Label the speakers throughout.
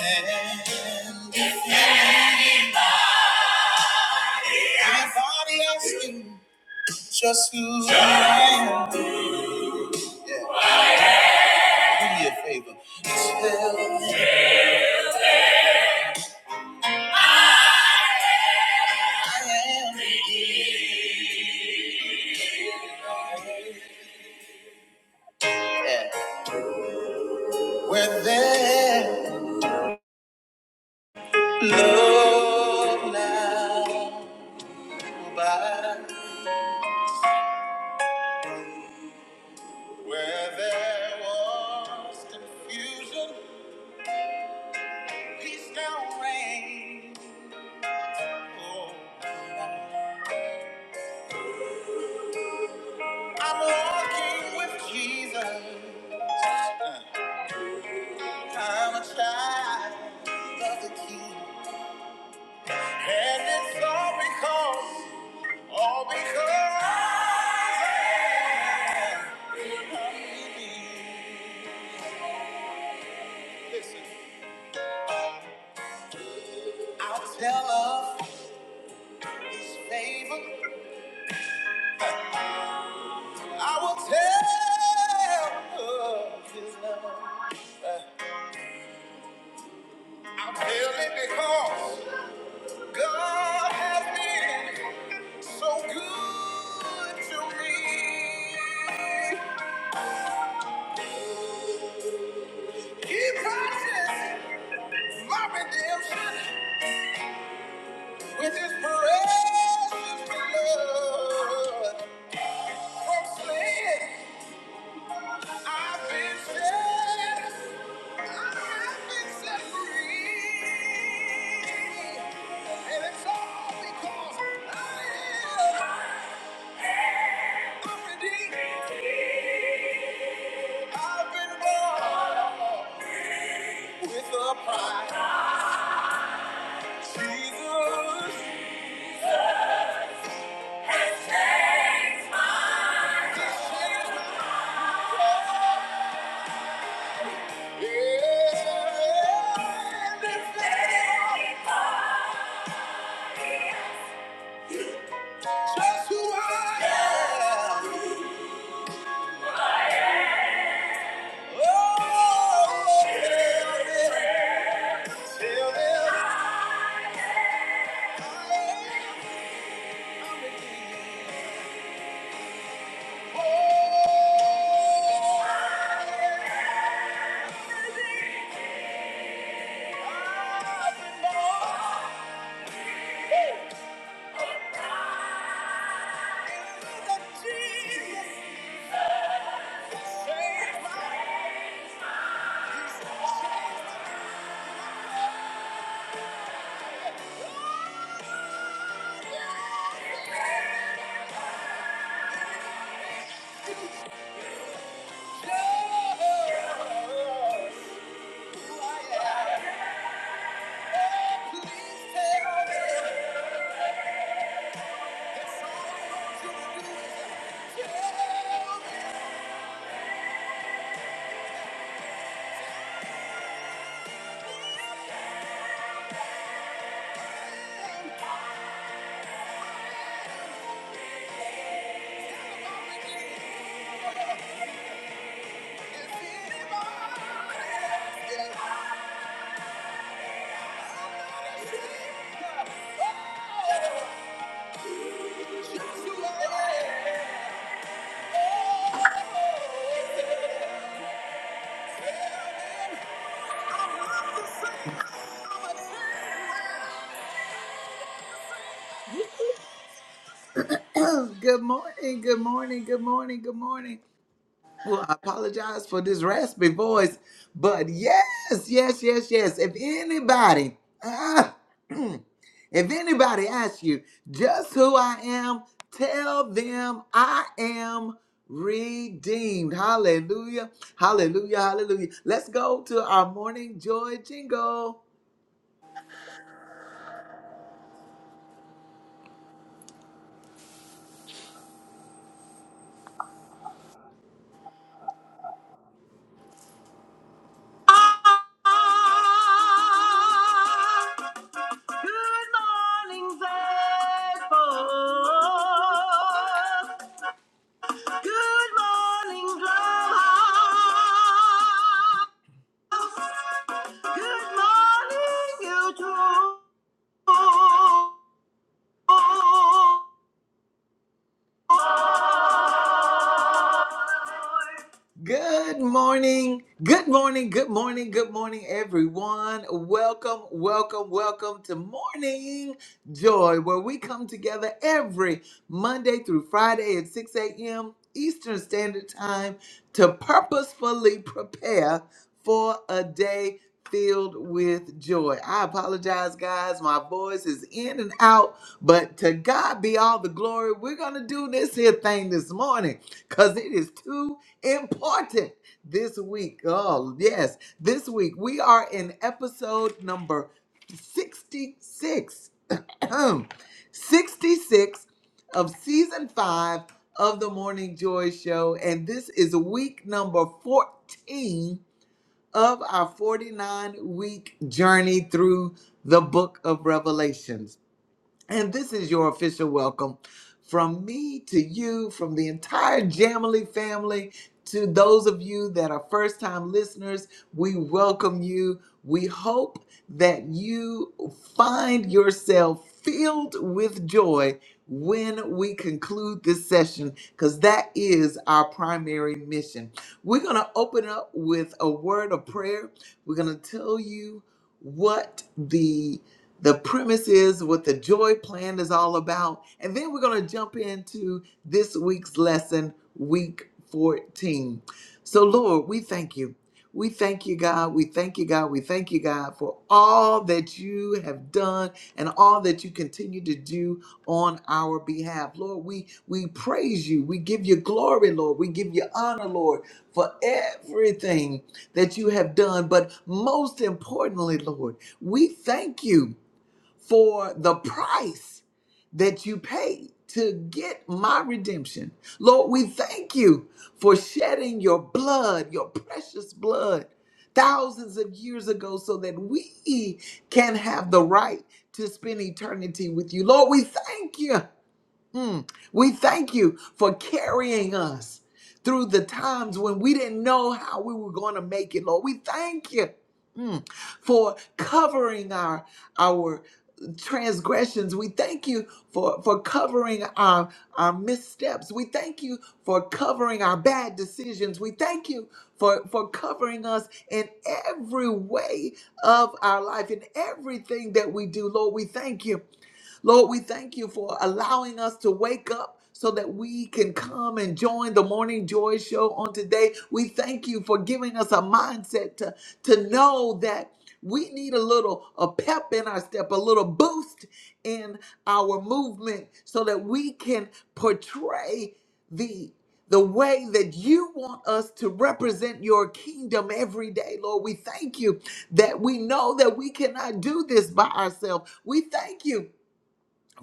Speaker 1: And everybody asking just who I am. Yeah, do me a favor. Tell them I am. Yeah. Where there, love now. abide. Where there was confusion, peace now reigns. Oh, I'm walking with Jesus. Uh, I'm a child of the King. And it's all because, all because of me. Listen, I'll tell of his favor. I will tell of his love. Uh, I'll tell it because God has been so good to me. He promises my redemption. With his precious blood, from sin I've been set, I've been set free, and it's all because I am, I'm redeemed, I've been bought with a price. Jesus, this is my life. Yeah, and it's Just who I am. Oh, tell them, tell them I am. Oh, I belong to Jesus. Change my- change my- Oh, Good morning, good morning, good morning, good morning. Well, I apologize for this raspy voice, but yes, yes, yes, yes. If anybody, ah, if anybody asks you just who I am, tell them I am redeemed. Hallelujah, hallelujah, hallelujah. Let's go to our morning joy jingle. Good morning. Good morning. Good morning. Good morning, everyone. Welcome, welcome, welcome to Morning Joy, where we come together every Monday through Friday at 6 a.m. Eastern Standard Time to purposefully prepare for a day filled with joy. I apologize, guys. My voice is in and out, but to God be all the glory. We're going to do this here thing this morning because it is 2 important this week. Oh, yes. This week we are in episode number 66. Ahem. 66 of season 5 of the Morning Joy show and this is week number 14 of our 49 week journey through the book of Revelations. And this is your official welcome from me to you, from the entire Jamily family, to those of you that are first time listeners. We welcome you. We hope that you find yourself filled with joy when we conclude this session, because that is our primary mission. We're going to open up with a word of prayer. We're going to tell you what the the premise is what the joy plan is all about. And then we're going to jump into this week's lesson, week 14. So, Lord, we thank you. We thank you, God. We thank you, God. We thank you, God, for all that you have done and all that you continue to do on our behalf. Lord, we, we praise you. We give you glory, Lord. We give you honor, Lord, for everything that you have done. But most importantly, Lord, we thank you for the price that you paid to get my redemption. Lord, we thank you for shedding your blood, your precious blood, thousands of years ago, so that we can have the right to spend eternity with you. Lord, we thank you Mm. We thank you for carrying us through the times when we didn't know how we were going to make it, Lord. We thank you mm, for covering our our transgressions. We thank you for for covering our our missteps. We thank you for covering our bad decisions. We thank you for for covering us in every way of our life in everything that we do. Lord, we thank you. Lord, we thank you for allowing us to wake up so that we can come and join the Morning Joy Show on today. We thank you for giving us a mindset to, to know that we need a little a pep in our step, a little boost in our movement so that we can portray the the way that you want us to represent your kingdom every day, Lord. We thank you that we know that we cannot do this by ourselves. We thank you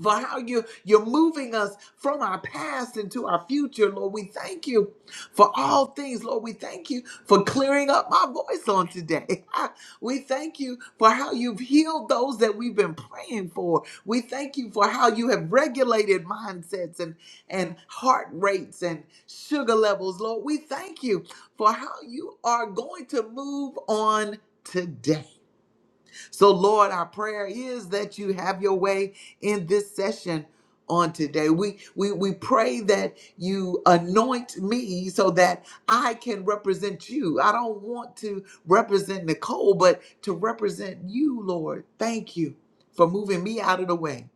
Speaker 1: for how you you're moving us from our past into our future lord we thank you for all things lord we thank you for clearing up my voice on today we thank you for how you've healed those that we've been praying for we thank you for how you have regulated mindsets and and heart rates and sugar levels lord we thank you for how you are going to move on today. So, Lord, our prayer is that you have your way in this session on today. We we we pray that you anoint me so that I can represent you. I don't want to represent Nicole, but to represent you, Lord. Thank you for moving me out of the way.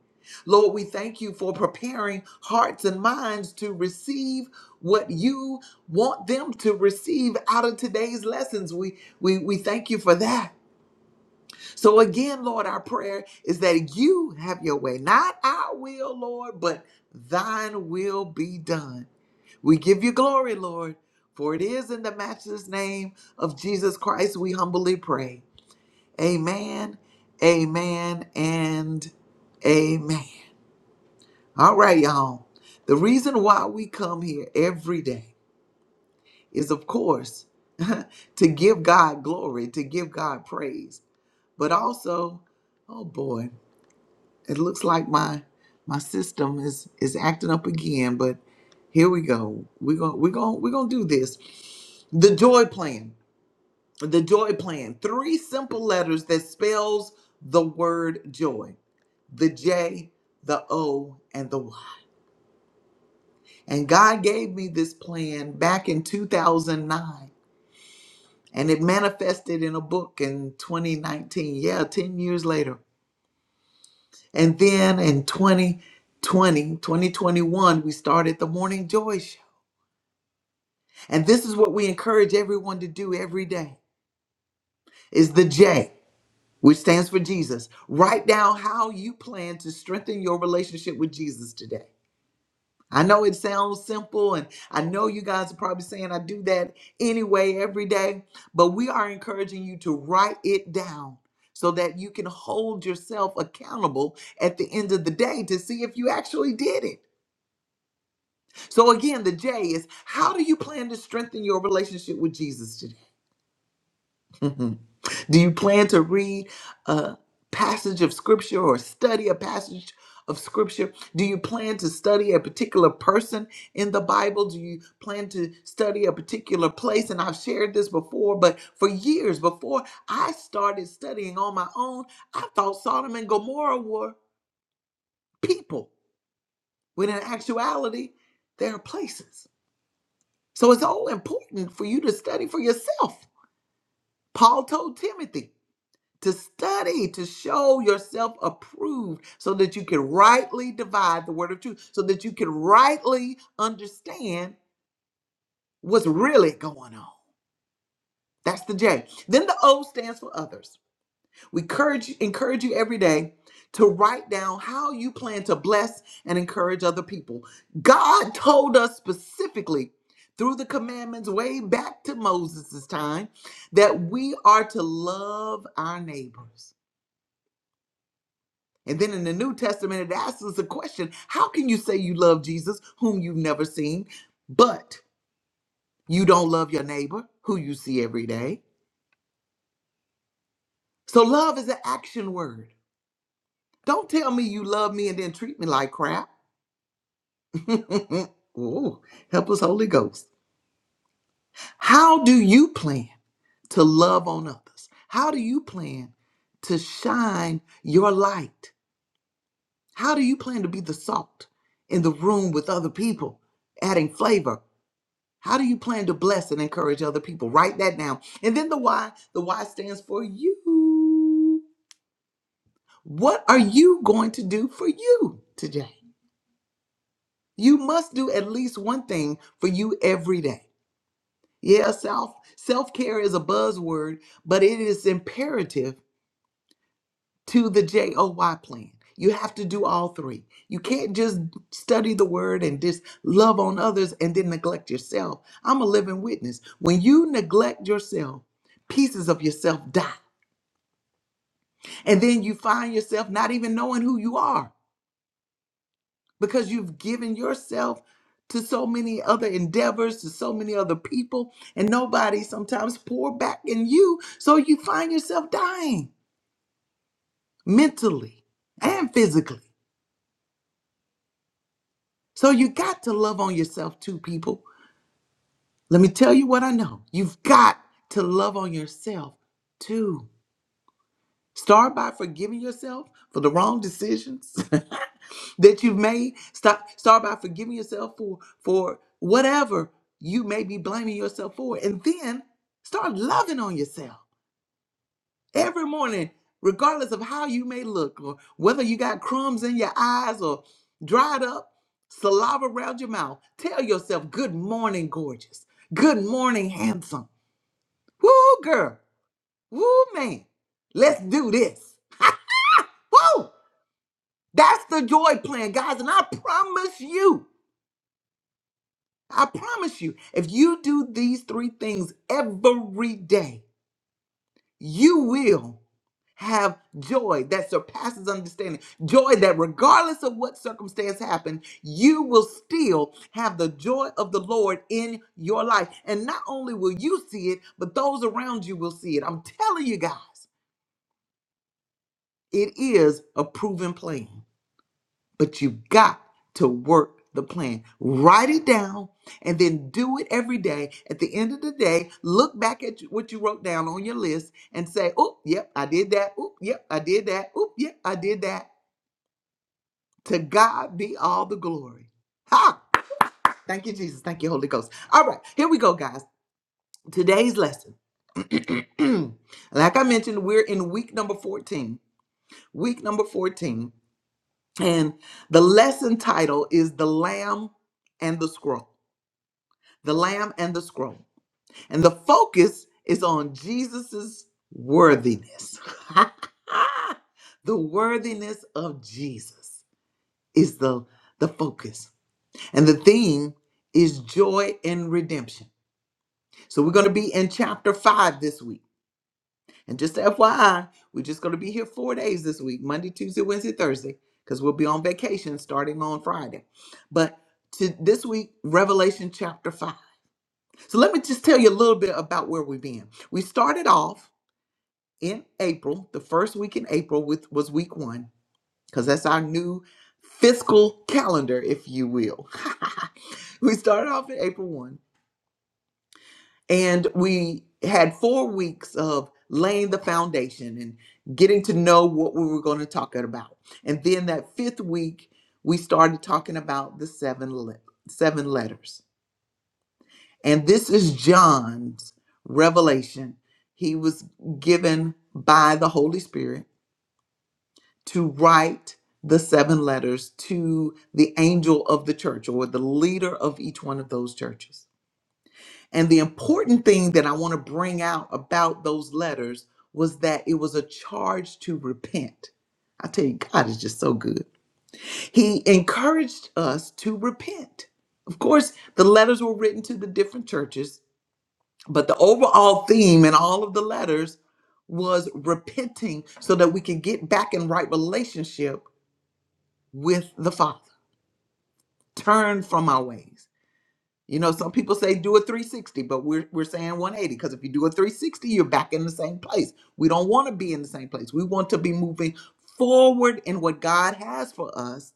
Speaker 1: Lord, we thank you for preparing hearts and minds to receive what you want them to receive out of today's lessons. We we we thank you for that. So again, Lord, our prayer is that you have your way, not our will, Lord, but thine will be done. We give you glory, Lord, for it is in the matchless name of Jesus Christ we humbly pray. Amen, amen, and amen. All right, y'all. The reason why we come here every day is, of course, to give God glory, to give God praise, but also, oh boy. it looks like my my system is is acting up again but here we go we're gonna we're gonna we're gonna do this the joy plan the joy plan three simple letters that spells the word joy the j the o and the y and god gave me this plan back in 2009 and it manifested in a book in 2019 yeah 10 years later And then in 2020, 2021, we started the Morning Joy Show. And this is what we encourage everyone to do every day is the J, which stands for Jesus. Write down how you plan to strengthen your relationship with Jesus today. I know it sounds simple, and I know you guys are probably saying I do that anyway every day, but we are encouraging you to write it down so that you can hold yourself accountable at the end of the day to see if you actually did it. So again, the J is how do you plan to strengthen your relationship with Jesus today? do you plan to read a passage of scripture or study a passage of scripture? Do you plan to study a particular person in the Bible? Do you plan to study a particular place? And I've shared this before, but for years before I started studying on my own, I thought Sodom and Gomorrah were people, when in actuality, they are places. So it's all important for you to study for yourself. Paul told Timothy to study, to show yourself approved so that you can rightly divide the word of truth, so that you can rightly understand what's really going on. That's the J. Then the O stands for others. We encourage, encourage you every day to write down how you plan to bless and encourage other people. God told us specifically through the commandments way back to Moses' time that we are to love our neighbors. And then in the New Testament, it asks us a question How can you say you love Jesus, whom you've never seen, but you don't love your neighbor, who you see every day? So, love is an action word. Don't tell me you love me and then treat me like crap. Ooh, help us, Holy Ghost. How do you plan to love on others? How do you plan to shine your light? How do you plan to be the salt in the room with other people, adding flavor? How do you plan to bless and encourage other people? Write that down. And then the why, the why stands for you. What are you going to do for you today? You must do at least one thing for you every day. Yeah, self self care is a buzzword, but it is imperative to the JOY plan. You have to do all three. You can't just study the word and just love on others and then neglect yourself. I'm a living witness. When you neglect yourself, pieces of yourself die. And then you find yourself not even knowing who you are. because you've given yourself to so many other endeavors, to so many other people, and nobody sometimes pour back in you. So you find yourself dying mentally and physically. So you got to love on yourself too, people. Let me tell you what I know. You've got to love on yourself too. Start by forgiving yourself for the wrong decisions that you've made. Stop start by forgiving yourself for for whatever you may be blaming yourself for. And then start loving on yourself every morning, regardless of how you may look, or whether you got crumbs in your eyes or dried up saliva around your mouth. Tell yourself, good morning, gorgeous. Good morning, handsome. Woo girl. Woo man. Let's do this. Woo! That's the joy plan, guys. And I promise you, I promise you, if you do these three things every day, you will have joy that surpasses understanding. Joy that, regardless of what circumstance happened, you will still have the joy of the Lord in your life. And not only will you see it, but those around you will see it. I'm telling you guys, it is a proven plan. but you have got to work the plan. Write it down and then do it every day. At the end of the day, look back at what you wrote down on your list and say, oh, yep, I did that. Oh, yep, I did that. Oh, yep, I did that. To God be all the glory. Ha! Thank you, Jesus. Thank you, Holy Ghost. All right, here we go, guys. Today's lesson. like I mentioned, we're in week number 14. Week number 14. And the lesson title is The Lamb and the Scroll. the lamb and the scroll. And the focus is on Jesus's worthiness. the worthiness of Jesus is the the focus. And the theme is joy and redemption. So we're going to be in chapter 5 this week. And just FYI, we're just going to be here 4 days this week, Monday, Tuesday, Wednesday, Thursday, cuz we'll be on vacation starting on Friday. But to this week Revelation chapter 5 So let me just tell you a little bit about where we've been. We started off in April, the first week in April with, was week one, because that's our new fiscal calendar, if you will. we started off in April 1, and we had four weeks of laying the foundation and getting to know what we were going to talk about. And then that fifth week, we started talking about the seven, le- seven letters. And this is John's revelation. He was given by the Holy Spirit to write the seven letters to the angel of the church or the leader of each one of those churches. And the important thing that I want to bring out about those letters was that it was a charge to repent. I tell you, God is just so good. He encouraged us to repent. Of course, the letters were written to the different churches, But the overall theme in all of the letters was repenting so that we can get back in right relationship with the Father. Turn from our ways. You know, some people say do a 360, but we're, we're saying 180 because if you do a 360, you're back in the same place. We don't want to be in the same place. We want to be moving forward in what God has for us.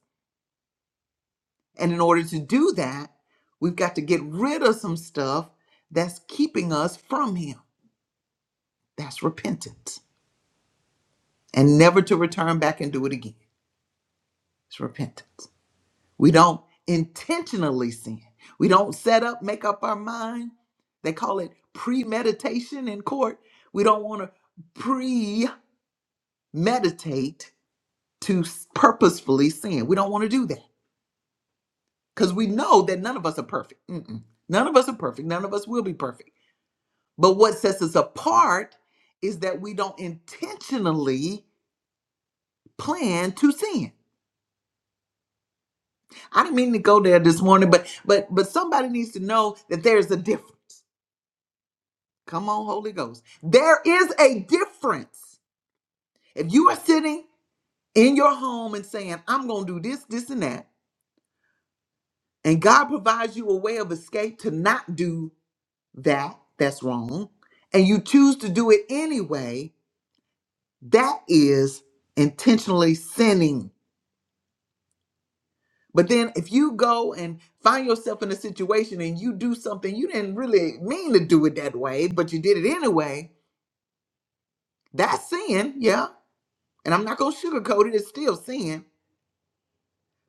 Speaker 1: And in order to do that, we've got to get rid of some stuff that's keeping us from Him. That's repentance. and never to return back and do it again. It's repentance. We don't intentionally sin. We don't set up, make up our mind. They call it premeditation in court. We don't want to premeditate to s- purposefully sin. We don't want to do that because we know that none of us are perfect. Mm-mm. None of us are perfect. None of us will be perfect. But what sets us apart is that we don't intentionally plan to sin I didn't mean to go there this morning, but but but somebody needs to know that there's a difference. Come on, Holy Ghost. There is a difference. If you are sitting in your home and saying, I'm gonna do this, this, and that, and God provides you a way of escape to not do that, that's wrong, and you choose to do it anyway, that is intentionally sinning. But then if you go and find yourself in a situation and you do something you didn't really mean to do it that way, but you did it anyway, that's sin, yeah. And I'm not gonna sugarcoat it, it's still sin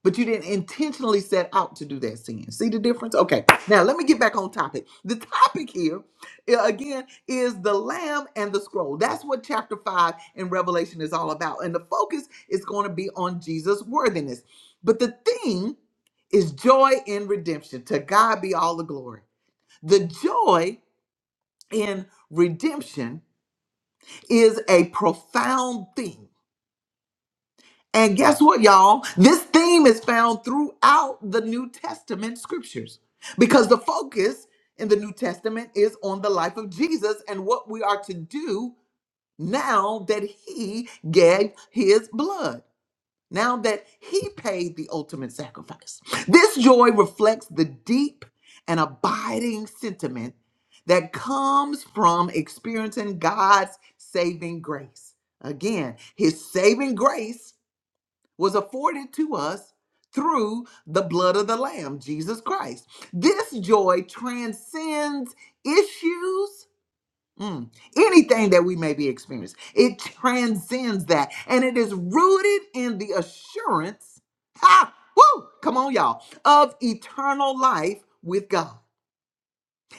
Speaker 1: But you didn't intentionally set out to do that sin. See the difference? Okay. Now let me get back on topic. The topic here uh, again is the lamb and the scroll. That's what chapter 5 in Revelation is all about. And the focus is going to be on Jesus' worthiness. But the thing is joy in redemption. To God be all the glory. The joy in redemption is a profound thing And guess what, y'all? This theme is found throughout the New Testament scriptures because the focus in the New Testament is on the life of Jesus and what we are to do now that he gave his blood, now that he paid the ultimate sacrifice. This joy reflects the deep and abiding sentiment that comes from experiencing God's saving grace. Again, his saving grace was afforded to us through the blood of the Lamb, Jesus Christ. This joy transcends issues. mm, anything that we may be experiencing, it transcends that. And it is rooted in the assurance, ha, woo, come on, y'all, of eternal life with God.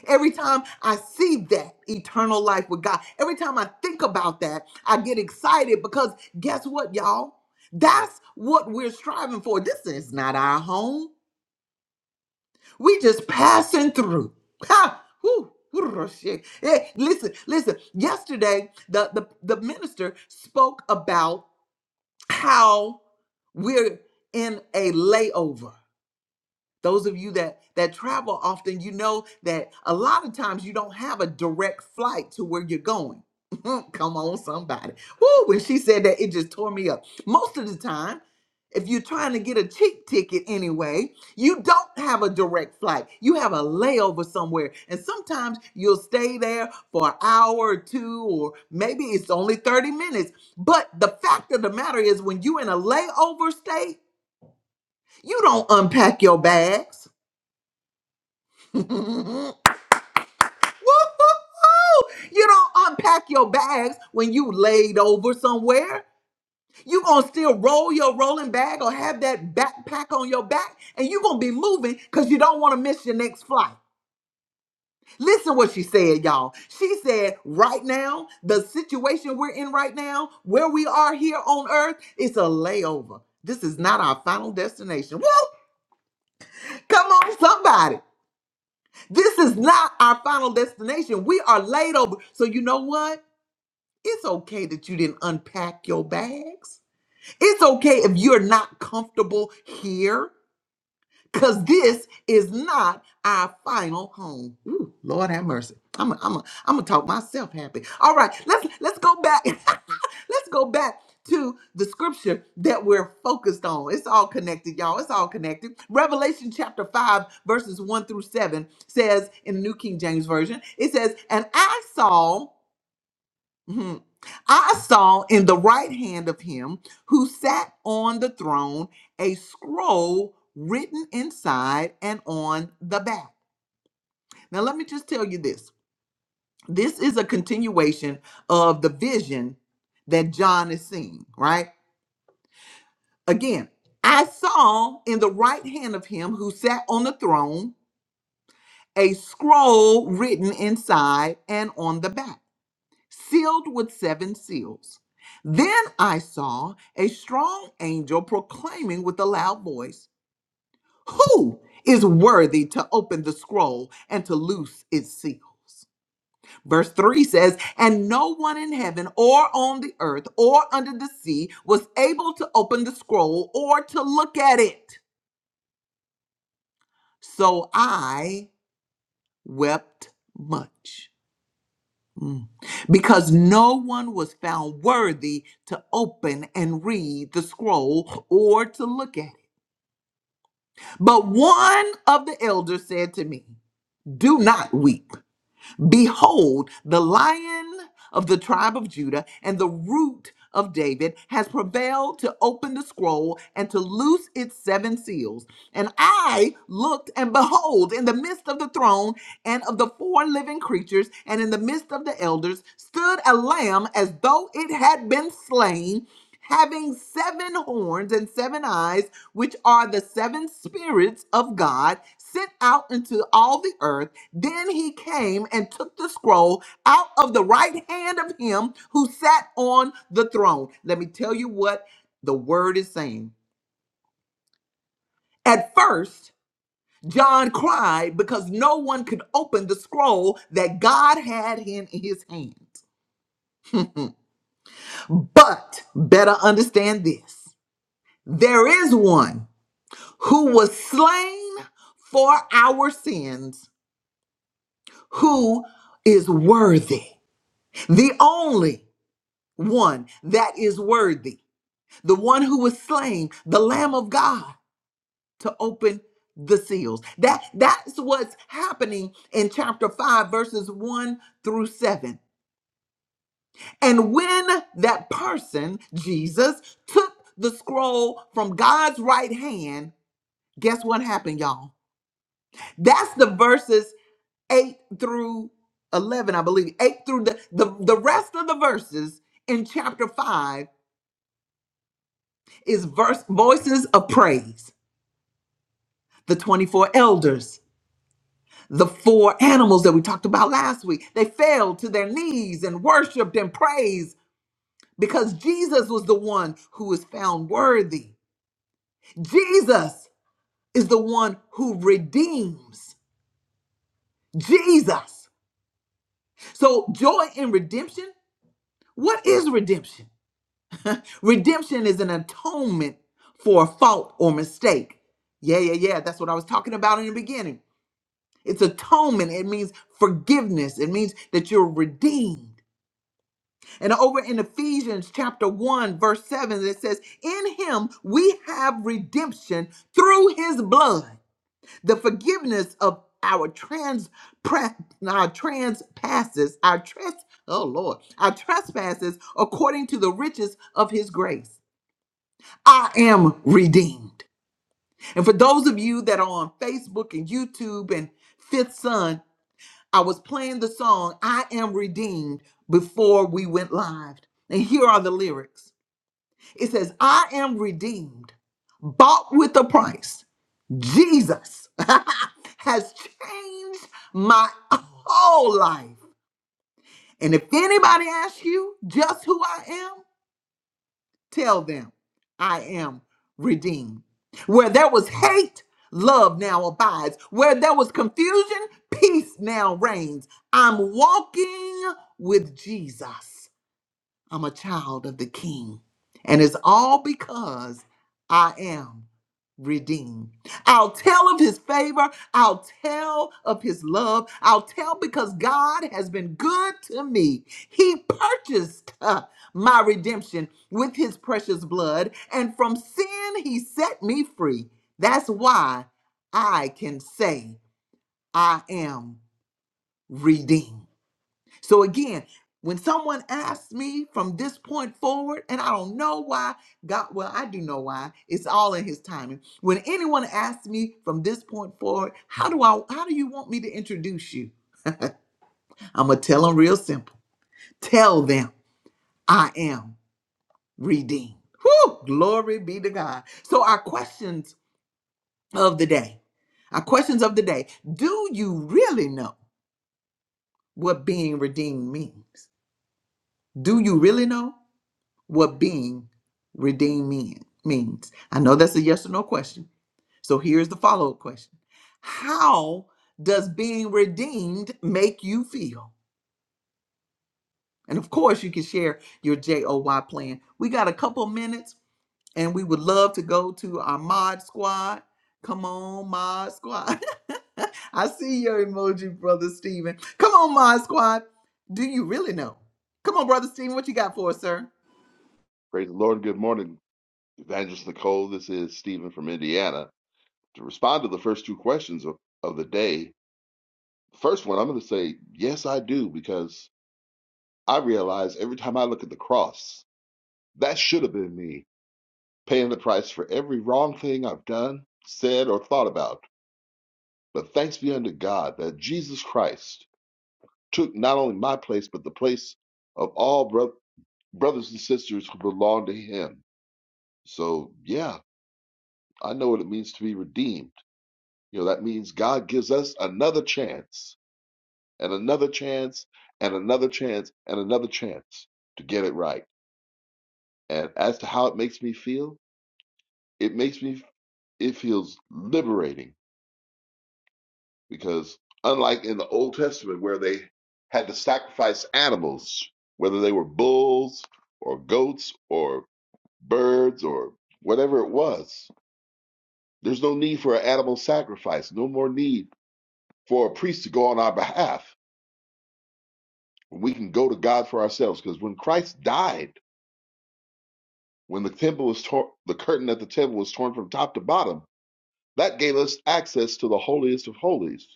Speaker 1: Every time I see that eternal life with God, every time I think about that, I get excited because guess what, y'all? That's what we're striving for. This is not our home. We just passing through. Ha! Whew. Whew, shit. Hey, listen, listen. Yesterday, the, the, the minister spoke about how we're in a layover those of you that that travel often you know that a lot of times you don't have a direct flight to where you're going come on somebody Woo, when she said that it just tore me up most of the time if you're trying to get a cheap ticket anyway you don't have a direct flight you have a layover somewhere and sometimes you'll stay there for an hour or two or maybe it's only 30 minutes but the fact of the matter is when you're in a layover state you don't unpack your bags Woo-hoo-hoo! You don't unpack your bags when you laid over somewhere. You gonna still roll your rolling bag or have that backpack on your back, and you gonna be moving because you don't want to miss your next flight. Listen what she said, y'all. She said, right now, the situation we're in right now, where we are here on earth, it's a layover. This is not our final destination. Woo! Come on, somebody. This is not our final destination. We are laid over. So you know what? It's okay that you didn't unpack your bags. It's okay if you're not comfortable here, because this is not our final home. Ooh, Lord have mercy. I'm i I'm i am a. am a. am gonna talk myself happy. All right, let's let's go back. let's go back to the scripture that we're focused on. It's all connected, y'all. It's all connected. Revelation chapter 5, verses 1 through 7 says in the New King James Version, it says, And I saw. Mhm. I saw in the right hand of him who sat on the throne a scroll written inside and on the back. Now, let me just tell you this this is a continuation of the vision that John is seeing, right? Again, I saw in the right hand of him who sat on the throne a scroll written inside and on the back sealed with seven seals. Then I saw a strong angel proclaiming with a loud voice, Who is worthy to open the scroll and to loose its seals? Verse 3 says, And no one in heaven or on the earth or under the sea was able to open the scroll or to look at it. So I wept much. Mm. Because no one was found worthy to open and read the scroll or to look at it. But one of the elders said to me, Do not weep. Behold, the lion of the tribe of Judah and the root of David has prevailed to open the scroll and to loose its seven seals. And I looked, and behold, in the midst of the throne and of the four living creatures, and in the midst of the elders, stood a lamb as though it had been slain, having seven horns and seven eyes, which are the seven spirits of God sent out into all the earth. Then he came and took the scroll out of the right hand of him who sat on the throne. Let me tell you what the word is saying. At first, John cried because no one could open the scroll that God had in his hand. But better understand this there is one who was slain for our sins, who is worthy, the only one that is worthy the one who was slain, the Lamb of God, to open the seals. That that's what's happening in chapter 5 verses 1 through 7. And when that person, Jesus, took the scroll from God's right hand, guess what happened, y'all? That's the verses 8 through 11, I believe. 8 through the the, the rest of the verses in chapter 5 is verse voices of praise. The 24 elders The four animals that we talked about last week, they fell to their knees and worshiped and praised because Jesus was the one who was found worthy. Jesus is the one who redeems. Jesus. So, joy in redemption, what is redemption? Redemption is an atonement for a fault or mistake. Yeah, yeah, yeah. That's what I was talking about in the beginning. It's atonement. It means forgiveness. It means that you're redeemed. And over in Ephesians chapter 1, verse 7, it says, In him we have redemption through his blood, the forgiveness of our trans pre- our trespasses, our tres oh Lord, our trespasses according to the riches of his grace. I am redeemed. And for those of you that are on Facebook and YouTube and Fifth Son, I was playing the song I Am Redeemed before we went live. And here are the lyrics. It says, I am redeemed, bought with a price. Jesus has changed my whole life. And if anybody asks you just who I am, tell them I am redeemed. Where there was hate, love now abides. Where there was confusion, peace now reigns. I'm walking with Jesus. I'm a child of the King. And it's all because I am redeemed. I'll tell of his favor. I'll tell of his love. I'll tell because God has been good to me. He purchased uh, my redemption with his precious blood, and from sin he set me free. That's why I can say I am redeemed. So again, when someone asks me from this point forward, and I don't know why, God, well, I do know why. It's all in his timing. When anyone asks me from this point forward, how do I how do you want me to introduce you? I'm gonna tell them real simple. Tell them I am redeemed. Whew, glory be to God. So our questions of the day. Our questions of the day. Do you really know what being redeemed means? Do you really know? what being redeemed mean, means. I know that's a yes or no question. So here's the follow up question How does being redeemed make you feel? And of course, you can share your JOY plan. We got a couple minutes and we would love to go to our mod squad. Come on, mod squad. I see your emoji, brother Steven. Come on, mod squad. Do you really know? Come on, brother Steven, what you got for us, sir?
Speaker 2: Praise the Lord. Good morning, Evangelist Nicole. This is Stephen from Indiana. To respond to the first two questions of, of the day, first one, I'm going to say, yes, I do, because I realize every time I look at the cross, that should have been me paying the price for every wrong thing I've done, said, or thought about. But thanks be unto God that Jesus Christ took not only my place, but the place of all bro- brothers and sisters who belong to him. So, yeah, I know what it means to be redeemed You know, that means God gives us another chance and another chance and another chance and another chance to get it right. And as to how it makes me feel, it makes me, it feels liberating because unlike in the Old Testament where they had to sacrifice animals, whether they were bulls or goats or birds or whatever it was, there's no need for an animal sacrifice, no more need for a priest to go on our behalf we can go to God for ourselves. Because when Christ died, when the temple was torn, the curtain at the temple was torn from top to bottom, that gave us access to the holiest of holies,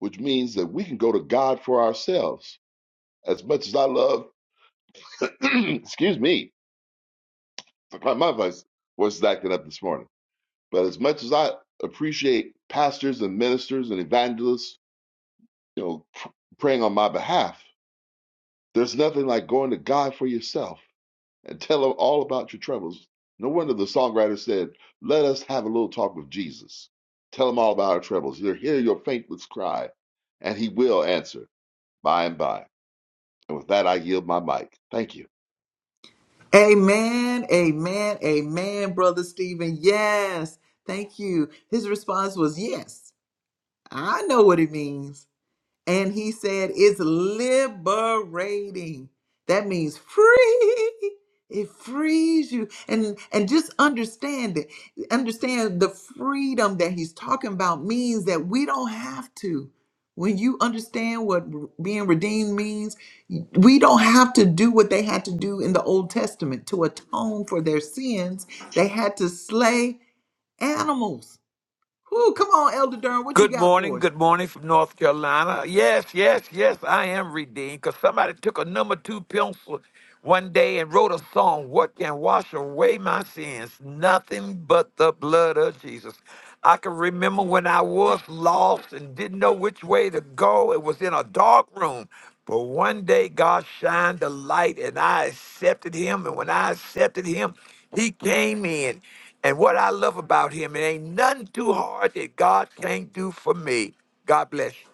Speaker 2: which means that we can go to God for ourselves. As much as I love, excuse me, my voice was acting up this morning. But as much as I appreciate pastors and ministers and evangelists, you know, pr- praying on my behalf, there's nothing like going to God for yourself and tell him all about your troubles. No wonder the songwriter said, Let us have a little talk with Jesus. Tell him all about our troubles. He'll hear your faintest cry, and he will answer by and by. And with that, I yield my mic. Thank you.
Speaker 1: Amen, amen, amen, Brother Stephen. Yes, thank you. His response was, Yes, I know what it means. And he said, It's liberating. That means free. It frees you. And and just understand it. Understand the freedom that he's talking about means that we don't have to. When you understand what r- being redeemed means, we don't have to do what they had to do in the Old Testament to atone for their sins. They had to slay animals. Whoo, come on, Elder Durham, what you
Speaker 3: Good
Speaker 1: got for
Speaker 3: morning.
Speaker 1: us?
Speaker 3: Good morning from North Carolina. Yes, yes, yes, I am redeemed because somebody took a number two pencil one day and wrote a song, What Can Wash Away My Sins? Nothing but the blood of Jesus. I can remember when I was lost and didn't know which way to go. It was in a dark room. But one day God shined the light and I accepted him. And when I accepted him, he came in. And what I love about him, it ain't nothing too hard that God can't do for me. God bless you.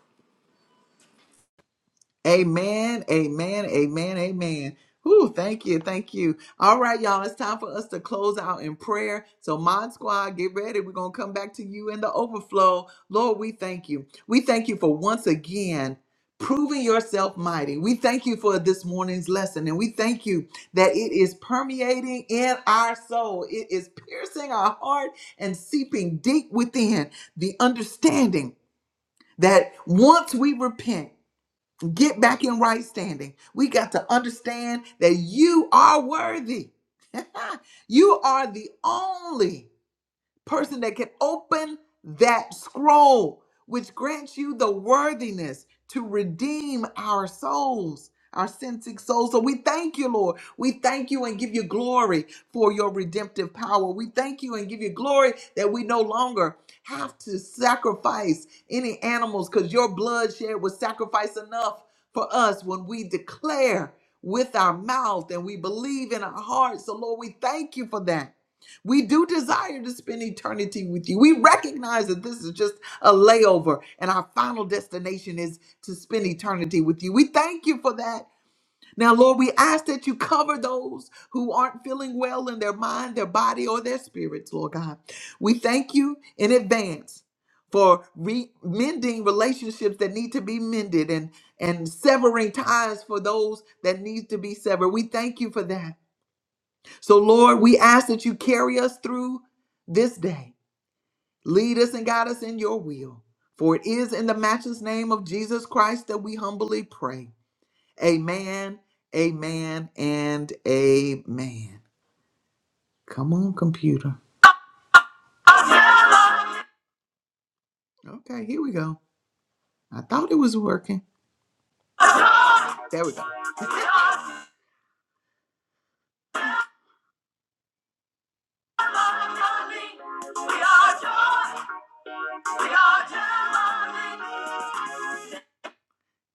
Speaker 1: Amen, amen, amen, amen. Whew, thank you, thank you. All right, y'all, it's time for us to close out in prayer. So, Mod Squad, get ready. We're going to come back to you in the overflow. Lord, we thank you. We thank you for once again proving yourself mighty. We thank you for this morning's lesson, and we thank you that it is permeating in our soul, it is piercing our heart and seeping deep within the understanding that once we repent, Get back in right standing. We got to understand that you are worthy. you are the only person that can open that scroll, which grants you the worthiness to redeem our souls, our sin sick souls. So we thank you, Lord. We thank you and give you glory for your redemptive power. We thank you and give you glory that we no longer have to sacrifice any animals because your blood shed was sacrifice enough for us when we declare with our mouth and we believe in our hearts. So, Lord, we thank you for that. We do desire to spend eternity with you. We recognize that this is just a layover and our final destination is to spend eternity with you. We thank you for that. Now, Lord, we ask that you cover those who aren't feeling well in their mind, their body, or their spirits, Lord God. We thank you in advance for re- mending relationships that need to be mended and, and severing ties for those that need to be severed. We thank you for that. So, Lord, we ask that you carry us through this day. Lead us and guide us in your will. For it is in the matchless name of Jesus Christ that we humbly pray. Amen, amen, and amen. Come on, computer. Okay, here we go. I thought it was working. There we go.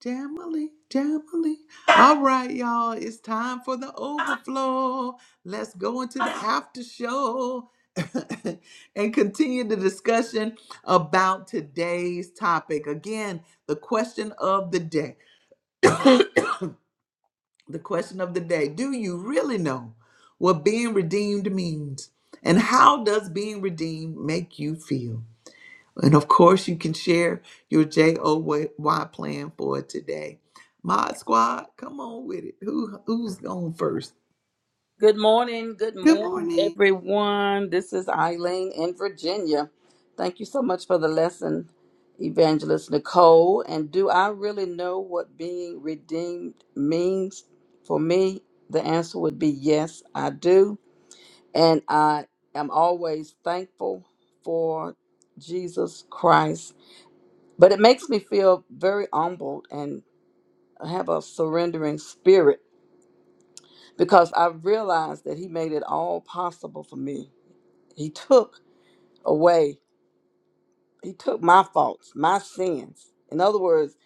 Speaker 1: Jamily, Jamily. All right, y'all. It's time for the overflow. Let's go into the after show and continue the discussion about today's topic. Again, the question of the day. The question of the day Do you really know what being redeemed means? And how does being redeemed make you feel? And of course, you can share your JOY plan for today. Mod Squad, come on with it. Who who's going first?
Speaker 4: Good morning. Good
Speaker 1: Good
Speaker 4: morning,
Speaker 1: morning.
Speaker 4: everyone. This is Eileen in Virginia. Thank you so much for the lesson, Evangelist Nicole. And do I really know what being redeemed means? For me, the answer would be yes, I do. And I am always thankful for Jesus Christ. But it makes me feel very humbled and have a surrendering spirit because I realize that He made it all possible for me He took away, he took my faults, my sins. In other words,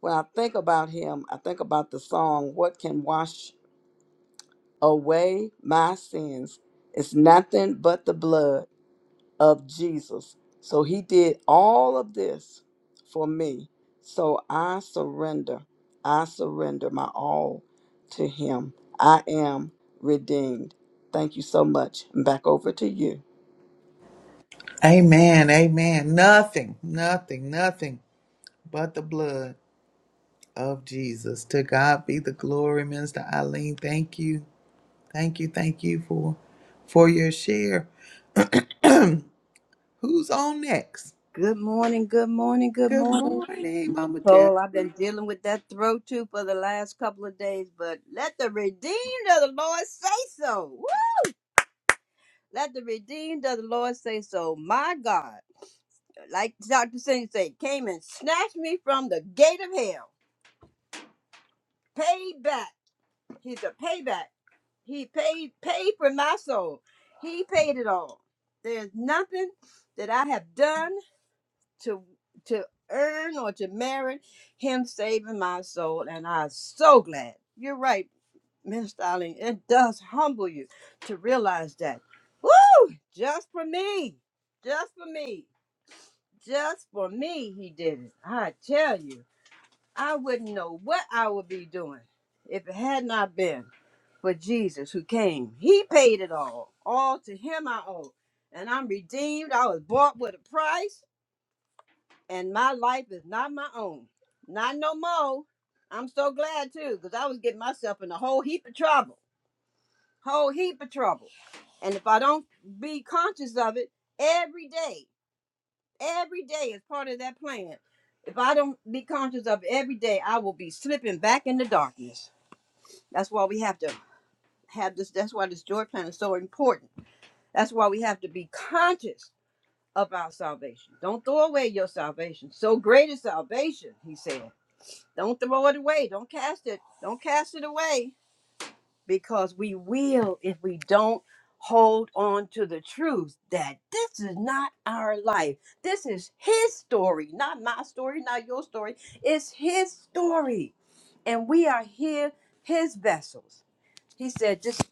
Speaker 4: when I think about him, I think about the song, What Can Wash Away My Sins? It's nothing but the blood of Jesus. So he did all of this for me. So I surrender. I surrender my all to him. I am redeemed. Thank you so much. And back over to you.
Speaker 1: Amen. Amen. Nothing, nothing, nothing but the blood of Jesus. To God be the glory, Minister Eileen. Thank you. Thank you. Thank you for for your share. Who's on next?
Speaker 5: Good morning, good morning, good
Speaker 1: Good
Speaker 5: morning.
Speaker 1: morning, Mama Terry.
Speaker 5: Oh, I've been dealing with that throat too for the last couple of days, but let the redeemed of the Lord say so. Woo! Let the redeemed of the Lord say so. My God, like Dr. Singh said, came and snatched me from the gate of hell. Paid back. He's a payback. He paid paid for my soul. He paid it all. There's nothing that I have done. to to earn or to merit him saving my soul and i'm so glad you're right miss darling it does humble you to realize that Woo! just for me just for me just for me he did it i tell you i wouldn't know what i would be doing if it had not been for jesus who came he paid it all all to him i owe and i'm redeemed i was bought with a price and my life is not my own. Not no more. I'm so glad too, because I was getting myself in a whole heap of trouble. Whole heap of trouble. And if I don't be conscious of it every day, every day is part of that plan. If I don't be conscious of it every day, I will be slipping back into darkness. That's why we have to have this. That's why this joy plan is so important. That's why we have to be conscious of our salvation. Don't throw away your salvation. So great is salvation, he said. Don't throw it away. Don't cast it. Don't cast it away because we will if we don't hold on to the truth that this is not our life. This is his story, not my story, not your story. It's his story. And we are here, his vessels. He said, just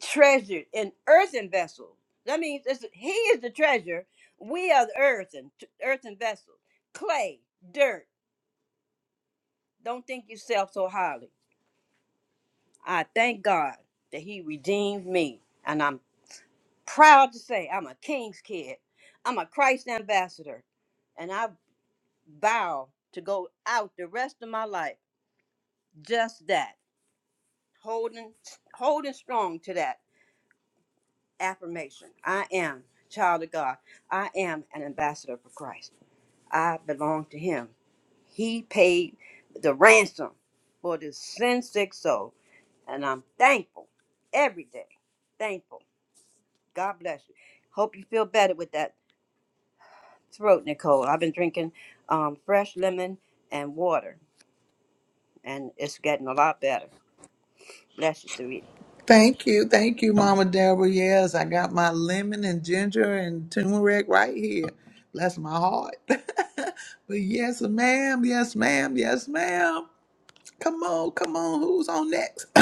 Speaker 5: treasured in earthen vessels. That means it's, he is the treasure. We are the earthen, earthen vessels. Clay, dirt. Don't think yourself so highly I thank God that He redeemed me. And I'm proud to say I'm a King's kid. I'm a Christ ambassador. And I vow to go out the rest of my life just that, holding holding strong to that affirmation. I am child of God. I am an ambassador for Christ. I belong to him. He paid the ransom for this sin sick soul. And I'm thankful every day. Thankful. God bless you. Hope you feel better with that throat, Nicole. I've been drinking um, fresh lemon and water, and it's getting a lot better. Bless you, sweetie.
Speaker 1: Thank you, thank you, Mama Deborah. Yes, I got my lemon and ginger and turmeric right here. Bless my heart. but yes, ma'am. Yes, ma'am. Yes, ma'am. Come on, come on. Who's on next?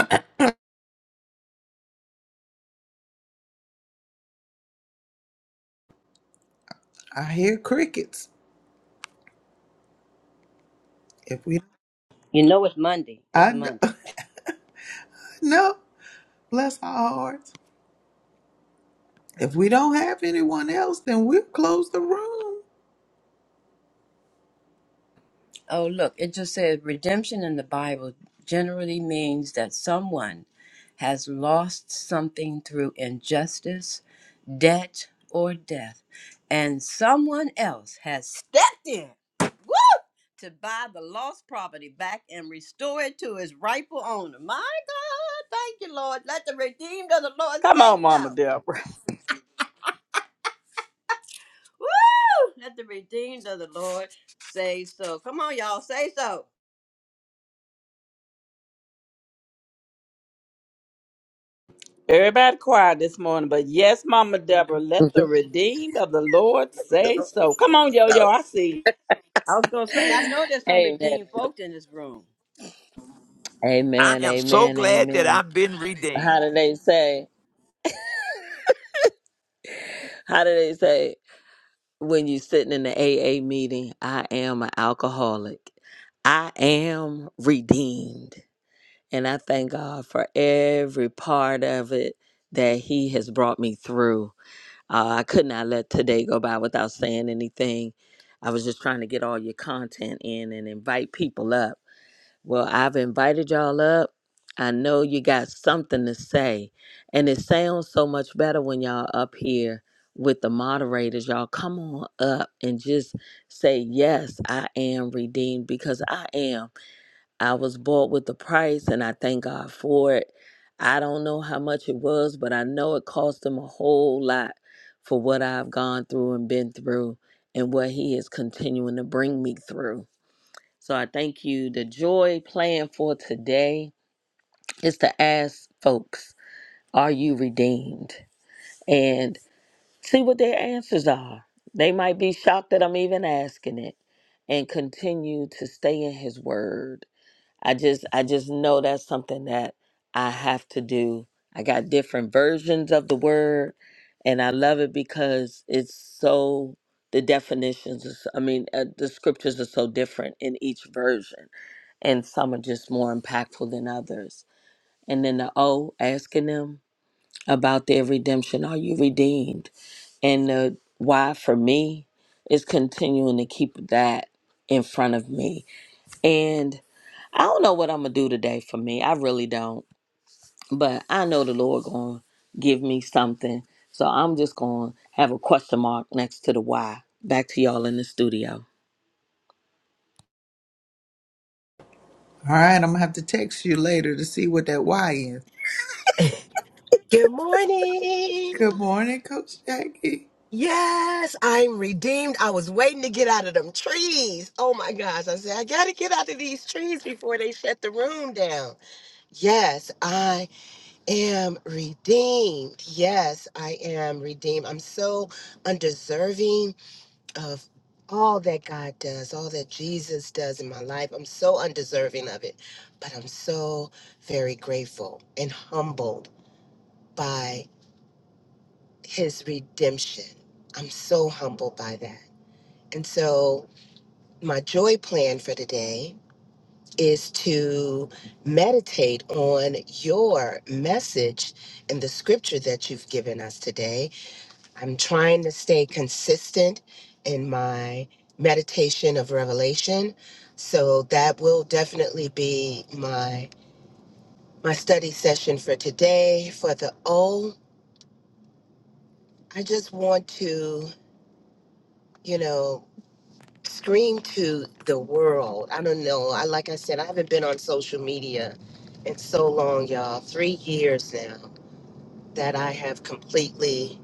Speaker 1: I hear crickets. If we,
Speaker 5: You know it's Monday. It's
Speaker 1: I know.
Speaker 5: Monday.
Speaker 1: no. Bless our hearts. If we don't have anyone else, then we'll close the room.
Speaker 5: Oh, look, it just says redemption in the Bible generally means that someone has lost something through injustice, debt, or death, and someone else has stepped in. Woo! to buy the lost property back and restore it to its rightful owner. My God, thank you, Lord. Let the redeemed of the Lord say so. Woo! Let the redeemed of the Lord say so. Come on, y'all, say so.
Speaker 4: Everybody quiet this morning, but yes, Mama Deborah, let the
Speaker 6: The
Speaker 4: redeemed of the Lord say
Speaker 6: Lord
Speaker 4: so. Come
Speaker 6: say
Speaker 4: on, yo yo,
Speaker 6: so.
Speaker 4: I see. you.
Speaker 5: I was gonna say, I know there's some
Speaker 6: Amen.
Speaker 5: redeemed folk in this room.
Speaker 3: I
Speaker 6: Amen.
Speaker 3: am so
Speaker 6: Amen.
Speaker 3: glad that
Speaker 6: Amen.
Speaker 3: I've been redeemed.
Speaker 6: How do they say? How do they say when you sitting in the AA meeting? I am an alcoholic. I am redeemed. And I thank God for every part of it that He has brought me through. Uh, I could not let today go by without saying anything. I was just trying to get all your content in and invite people up. Well, I've invited y'all up. I know you got something to say. And it sounds so much better when y'all up here with the moderators. Y'all come on up and just say, Yes, I am redeemed because I am. I was bought with the price and I thank God for it. I don't know how much it was, but I know it cost him a whole lot for what I've gone through and been through and what he is continuing to bring me through. So I thank you. The joy plan for today is to ask folks, are you redeemed? And see what their answers are. They might be shocked that I'm even asking it and continue to stay in his word. I just I just know that's something that I have to do. I got different versions of the word and I love it because it's so the definitions is, I mean uh, the scriptures are so different in each version and some are just more impactful than others. And then the O, asking them about their redemption. Are you redeemed? And the why for me is continuing to keep that in front of me. And I don't know what I'm gonna do today for me. I really don't. But I know the Lord gonna give me something. So I'm just gonna have a question mark next to the why. Back to y'all in the studio.
Speaker 1: All right, I'm gonna have to text you later to see what that Y is.
Speaker 7: Good morning.
Speaker 1: Good morning, Coach Jackie.
Speaker 7: Yes, I'm redeemed. I was waiting to get out of them trees. Oh my gosh. I said, I got to get out of these trees before they shut the room down. Yes, I am redeemed. Yes, I am redeemed. I'm so undeserving of all that God does, all that Jesus does in my life. I'm so undeserving of it, but I'm so very grateful and humbled by. his redemption. I'm so humbled by that. And so, my joy plan for today is to meditate on your message and the scripture that you've given us today. I'm trying to stay consistent in my meditation of revelation. So that will definitely be my my study session for today for the O. I just want to, you know, scream to the world. I don't know. I like I said, I haven't been on social media in so long, y'all. Three years now that I have completely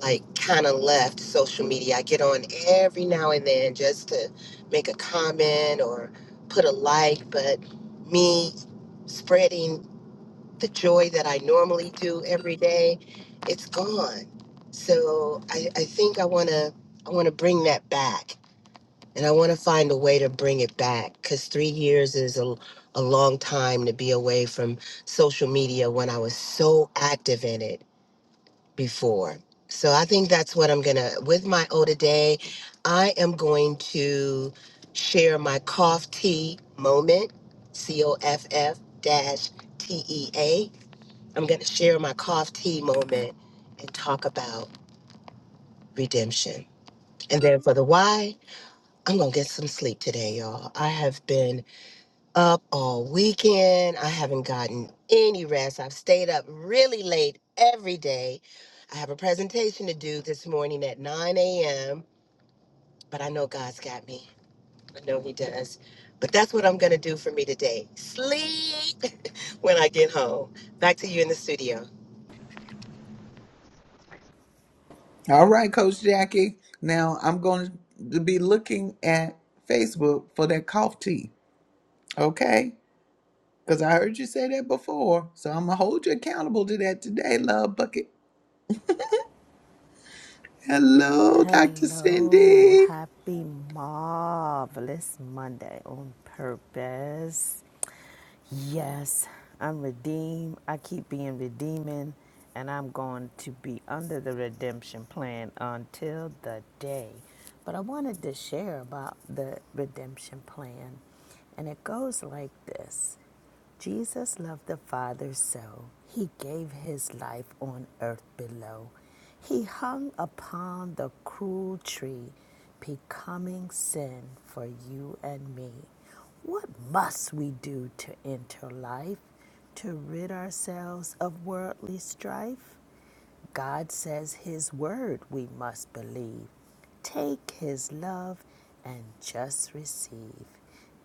Speaker 7: like kind of left social media. I get on every now and then just to make a comment or put a like, but me spreading the joy that I normally do every day, it's gone. So I, I think I wanna I wanna bring that back and I want to find a way to bring it back because three years is a, a long time to be away from social media when I was so active in it before. So I think that's what I'm gonna with my O today. I am going to share my cough tea moment, C O F F dash T E A. I'm gonna share my cough tea moment and talk about redemption. And then for the why, I'm gonna get some sleep today, y'all. I have been up all weekend. I haven't gotten any rest. I've stayed up really late every day. I have a presentation to do this morning at 9 a.m., but I know God's got me. I know He does. But that's what I'm going to do for me today sleep when I get home. Back to you in the studio.
Speaker 1: All right, Coach Jackie. Now I'm going to be looking at Facebook for that cough tea, okay? Because I heard you say that before. So I'm going to hold you accountable to that today, Love Bucket. Hello, Dr.
Speaker 8: Hello,
Speaker 1: Cindy.
Speaker 8: happy marvelous Monday on purpose. Yes, I'm redeemed. I keep being redeeming, and I'm going to be under the redemption plan until the day. But I wanted to share about the redemption plan, and it goes like this Jesus loved the Father so, he gave his life on earth below. He hung upon the cruel tree, becoming sin for you and me. What must we do to enter life, to rid ourselves of worldly strife? God says His word we must believe. Take His love and just receive.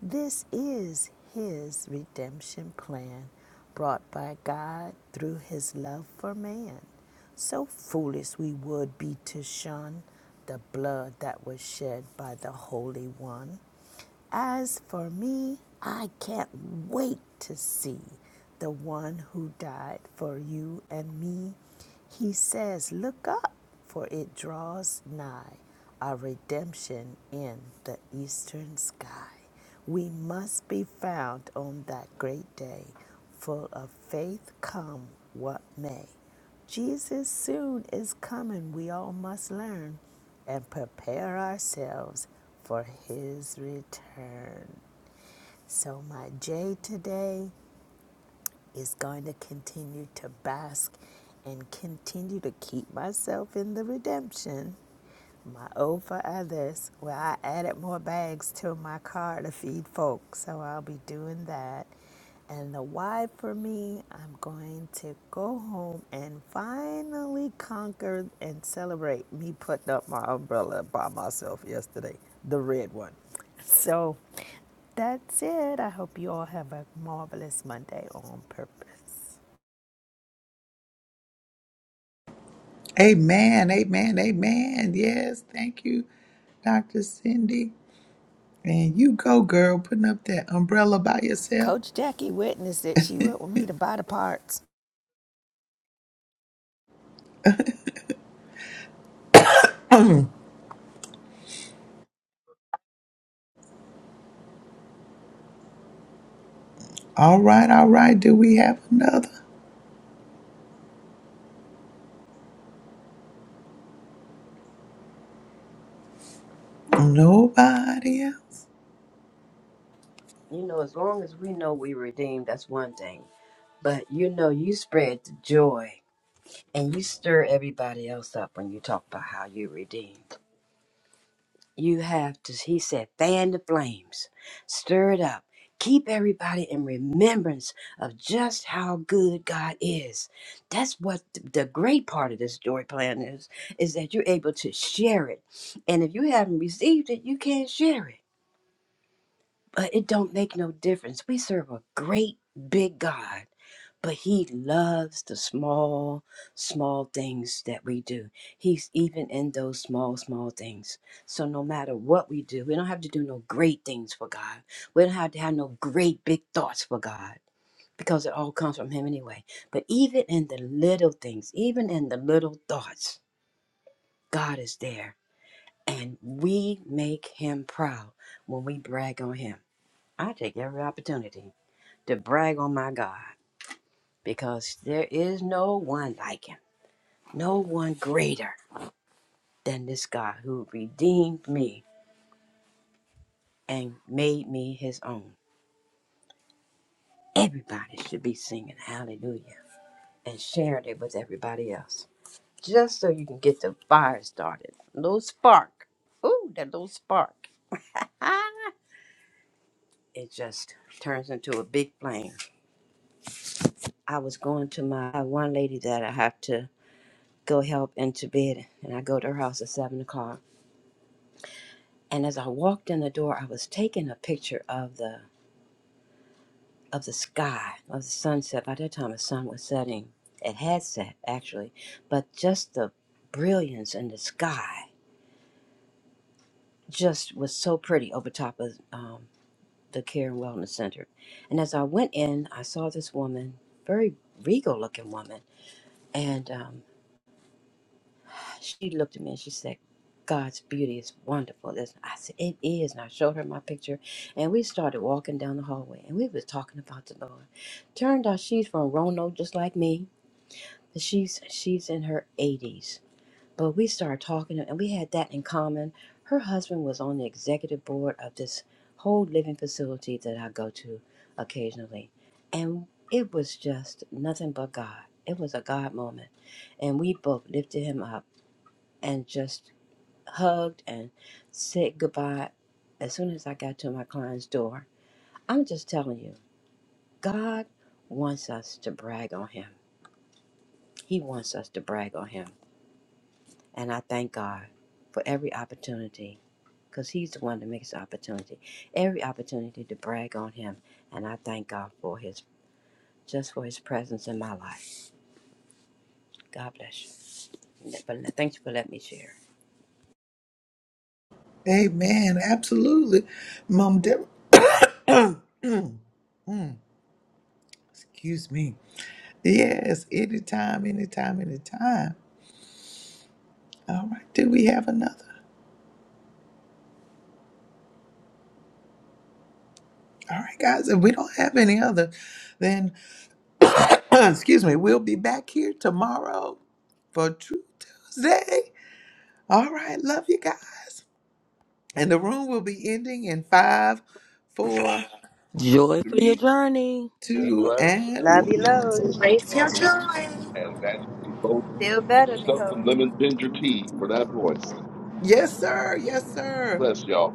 Speaker 8: This is His redemption plan brought by God through His love for man. So foolish we would be to shun the blood that was shed by the Holy One. As for me, I can't wait to see the one who died for you and me. He says, Look up, for it draws nigh our redemption in the eastern sky. We must be found on that great day, full of faith, come what may. Jesus soon is coming. We all must learn and prepare ourselves for his return. So, my J today is going to continue to bask and continue to keep myself in the redemption. My O for others. Well, I added more bags to my car to feed folks, so I'll be doing that. And the Y for me, I'm going to go home and finally conquer and celebrate me putting up my umbrella by myself yesterday, the red one. So that's it. I hope you all have a marvelous Monday on purpose.
Speaker 1: Amen, amen, amen. Yes, thank you, Dr. Cindy. And you go, girl, putting up that umbrella by yourself.
Speaker 8: Coach Jackie witnessed it. She went with me to buy the parts.
Speaker 1: all right, all right. Do we have another? Nobody else.
Speaker 5: You know, as long as we know we redeemed, that's one thing. But you know, you spread the joy and you stir everybody else up when you talk about how you redeemed. You have to, he said, fan the flames, stir it up, keep everybody in remembrance of just how good God is. That's what th- the great part of this joy plan is, is that you're able to share it. And if you haven't received it, you can't share it. But it don't make no difference. We serve a great big God, but he loves the small, small things that we do. He's even in those small, small things. So no matter what we do, we don't have to do no great things for God. We don't have to have no great big thoughts for God. Because it all comes from him anyway. But even in the little things, even in the little thoughts, God is there. And we make him proud when we brag on him. I take every opportunity to brag on my God because there is no one like him, no one greater than this God who redeemed me and made me his own. Everybody should be singing hallelujah and sharing it with everybody else just so you can get the fire started. Little spark. Ooh, that little spark. Ah, it just turns into a big flame. I was going to my one lady that I have to go help into bed, and I go to her house at seven o'clock And as I walked in the door, I was taking a picture of the of the sky, of the sunset. By that time, the sun was setting. It had set actually, but just the brilliance in the sky just was so pretty over top of um, the Care and Wellness Center. And as I went in, I saw this woman, very regal looking woman, and um, She looked at me and she said, God's beauty is wonderful, isn't it? I said, It is. And I showed her my picture. And we started walking down the hallway and we was talking about the Lord. Turned out she's from Roanoke just like me. She's she's in her eighties. But we started talking and we had that in common. Her husband was on the executive board of this whole living facility that I go to occasionally. And it was just nothing but God. It was a God moment. And we both lifted him up and just hugged and said goodbye as soon as I got to my client's door. I'm just telling you, God wants us to brag on Him. He wants us to brag on Him. And I thank God for every opportunity because He's the one that makes the opportunity, every opportunity to brag on Him. And I thank God for His. Just for his presence in my life. God bless you. But thank you for letting me share.
Speaker 1: Amen. Absolutely. Mom Deborah. Mm, mm, excuse me. Yes, anytime, anytime, anytime. All right, do we have another? All right, guys, if we don't have any other, then, excuse me, we'll be back here tomorrow for True Tuesday. All right, love you guys. And the room will be ending in five, four,
Speaker 6: Joy for your
Speaker 1: three,
Speaker 6: journey.
Speaker 2: Be
Speaker 1: two,
Speaker 2: blessed.
Speaker 1: and one.
Speaker 5: Love you, loads.
Speaker 2: See you tomorrow morning. And that's you both get yourself some lemon ginger tea for that voice.
Speaker 1: Yes, sir. Yes, sir.
Speaker 2: Bless y'all.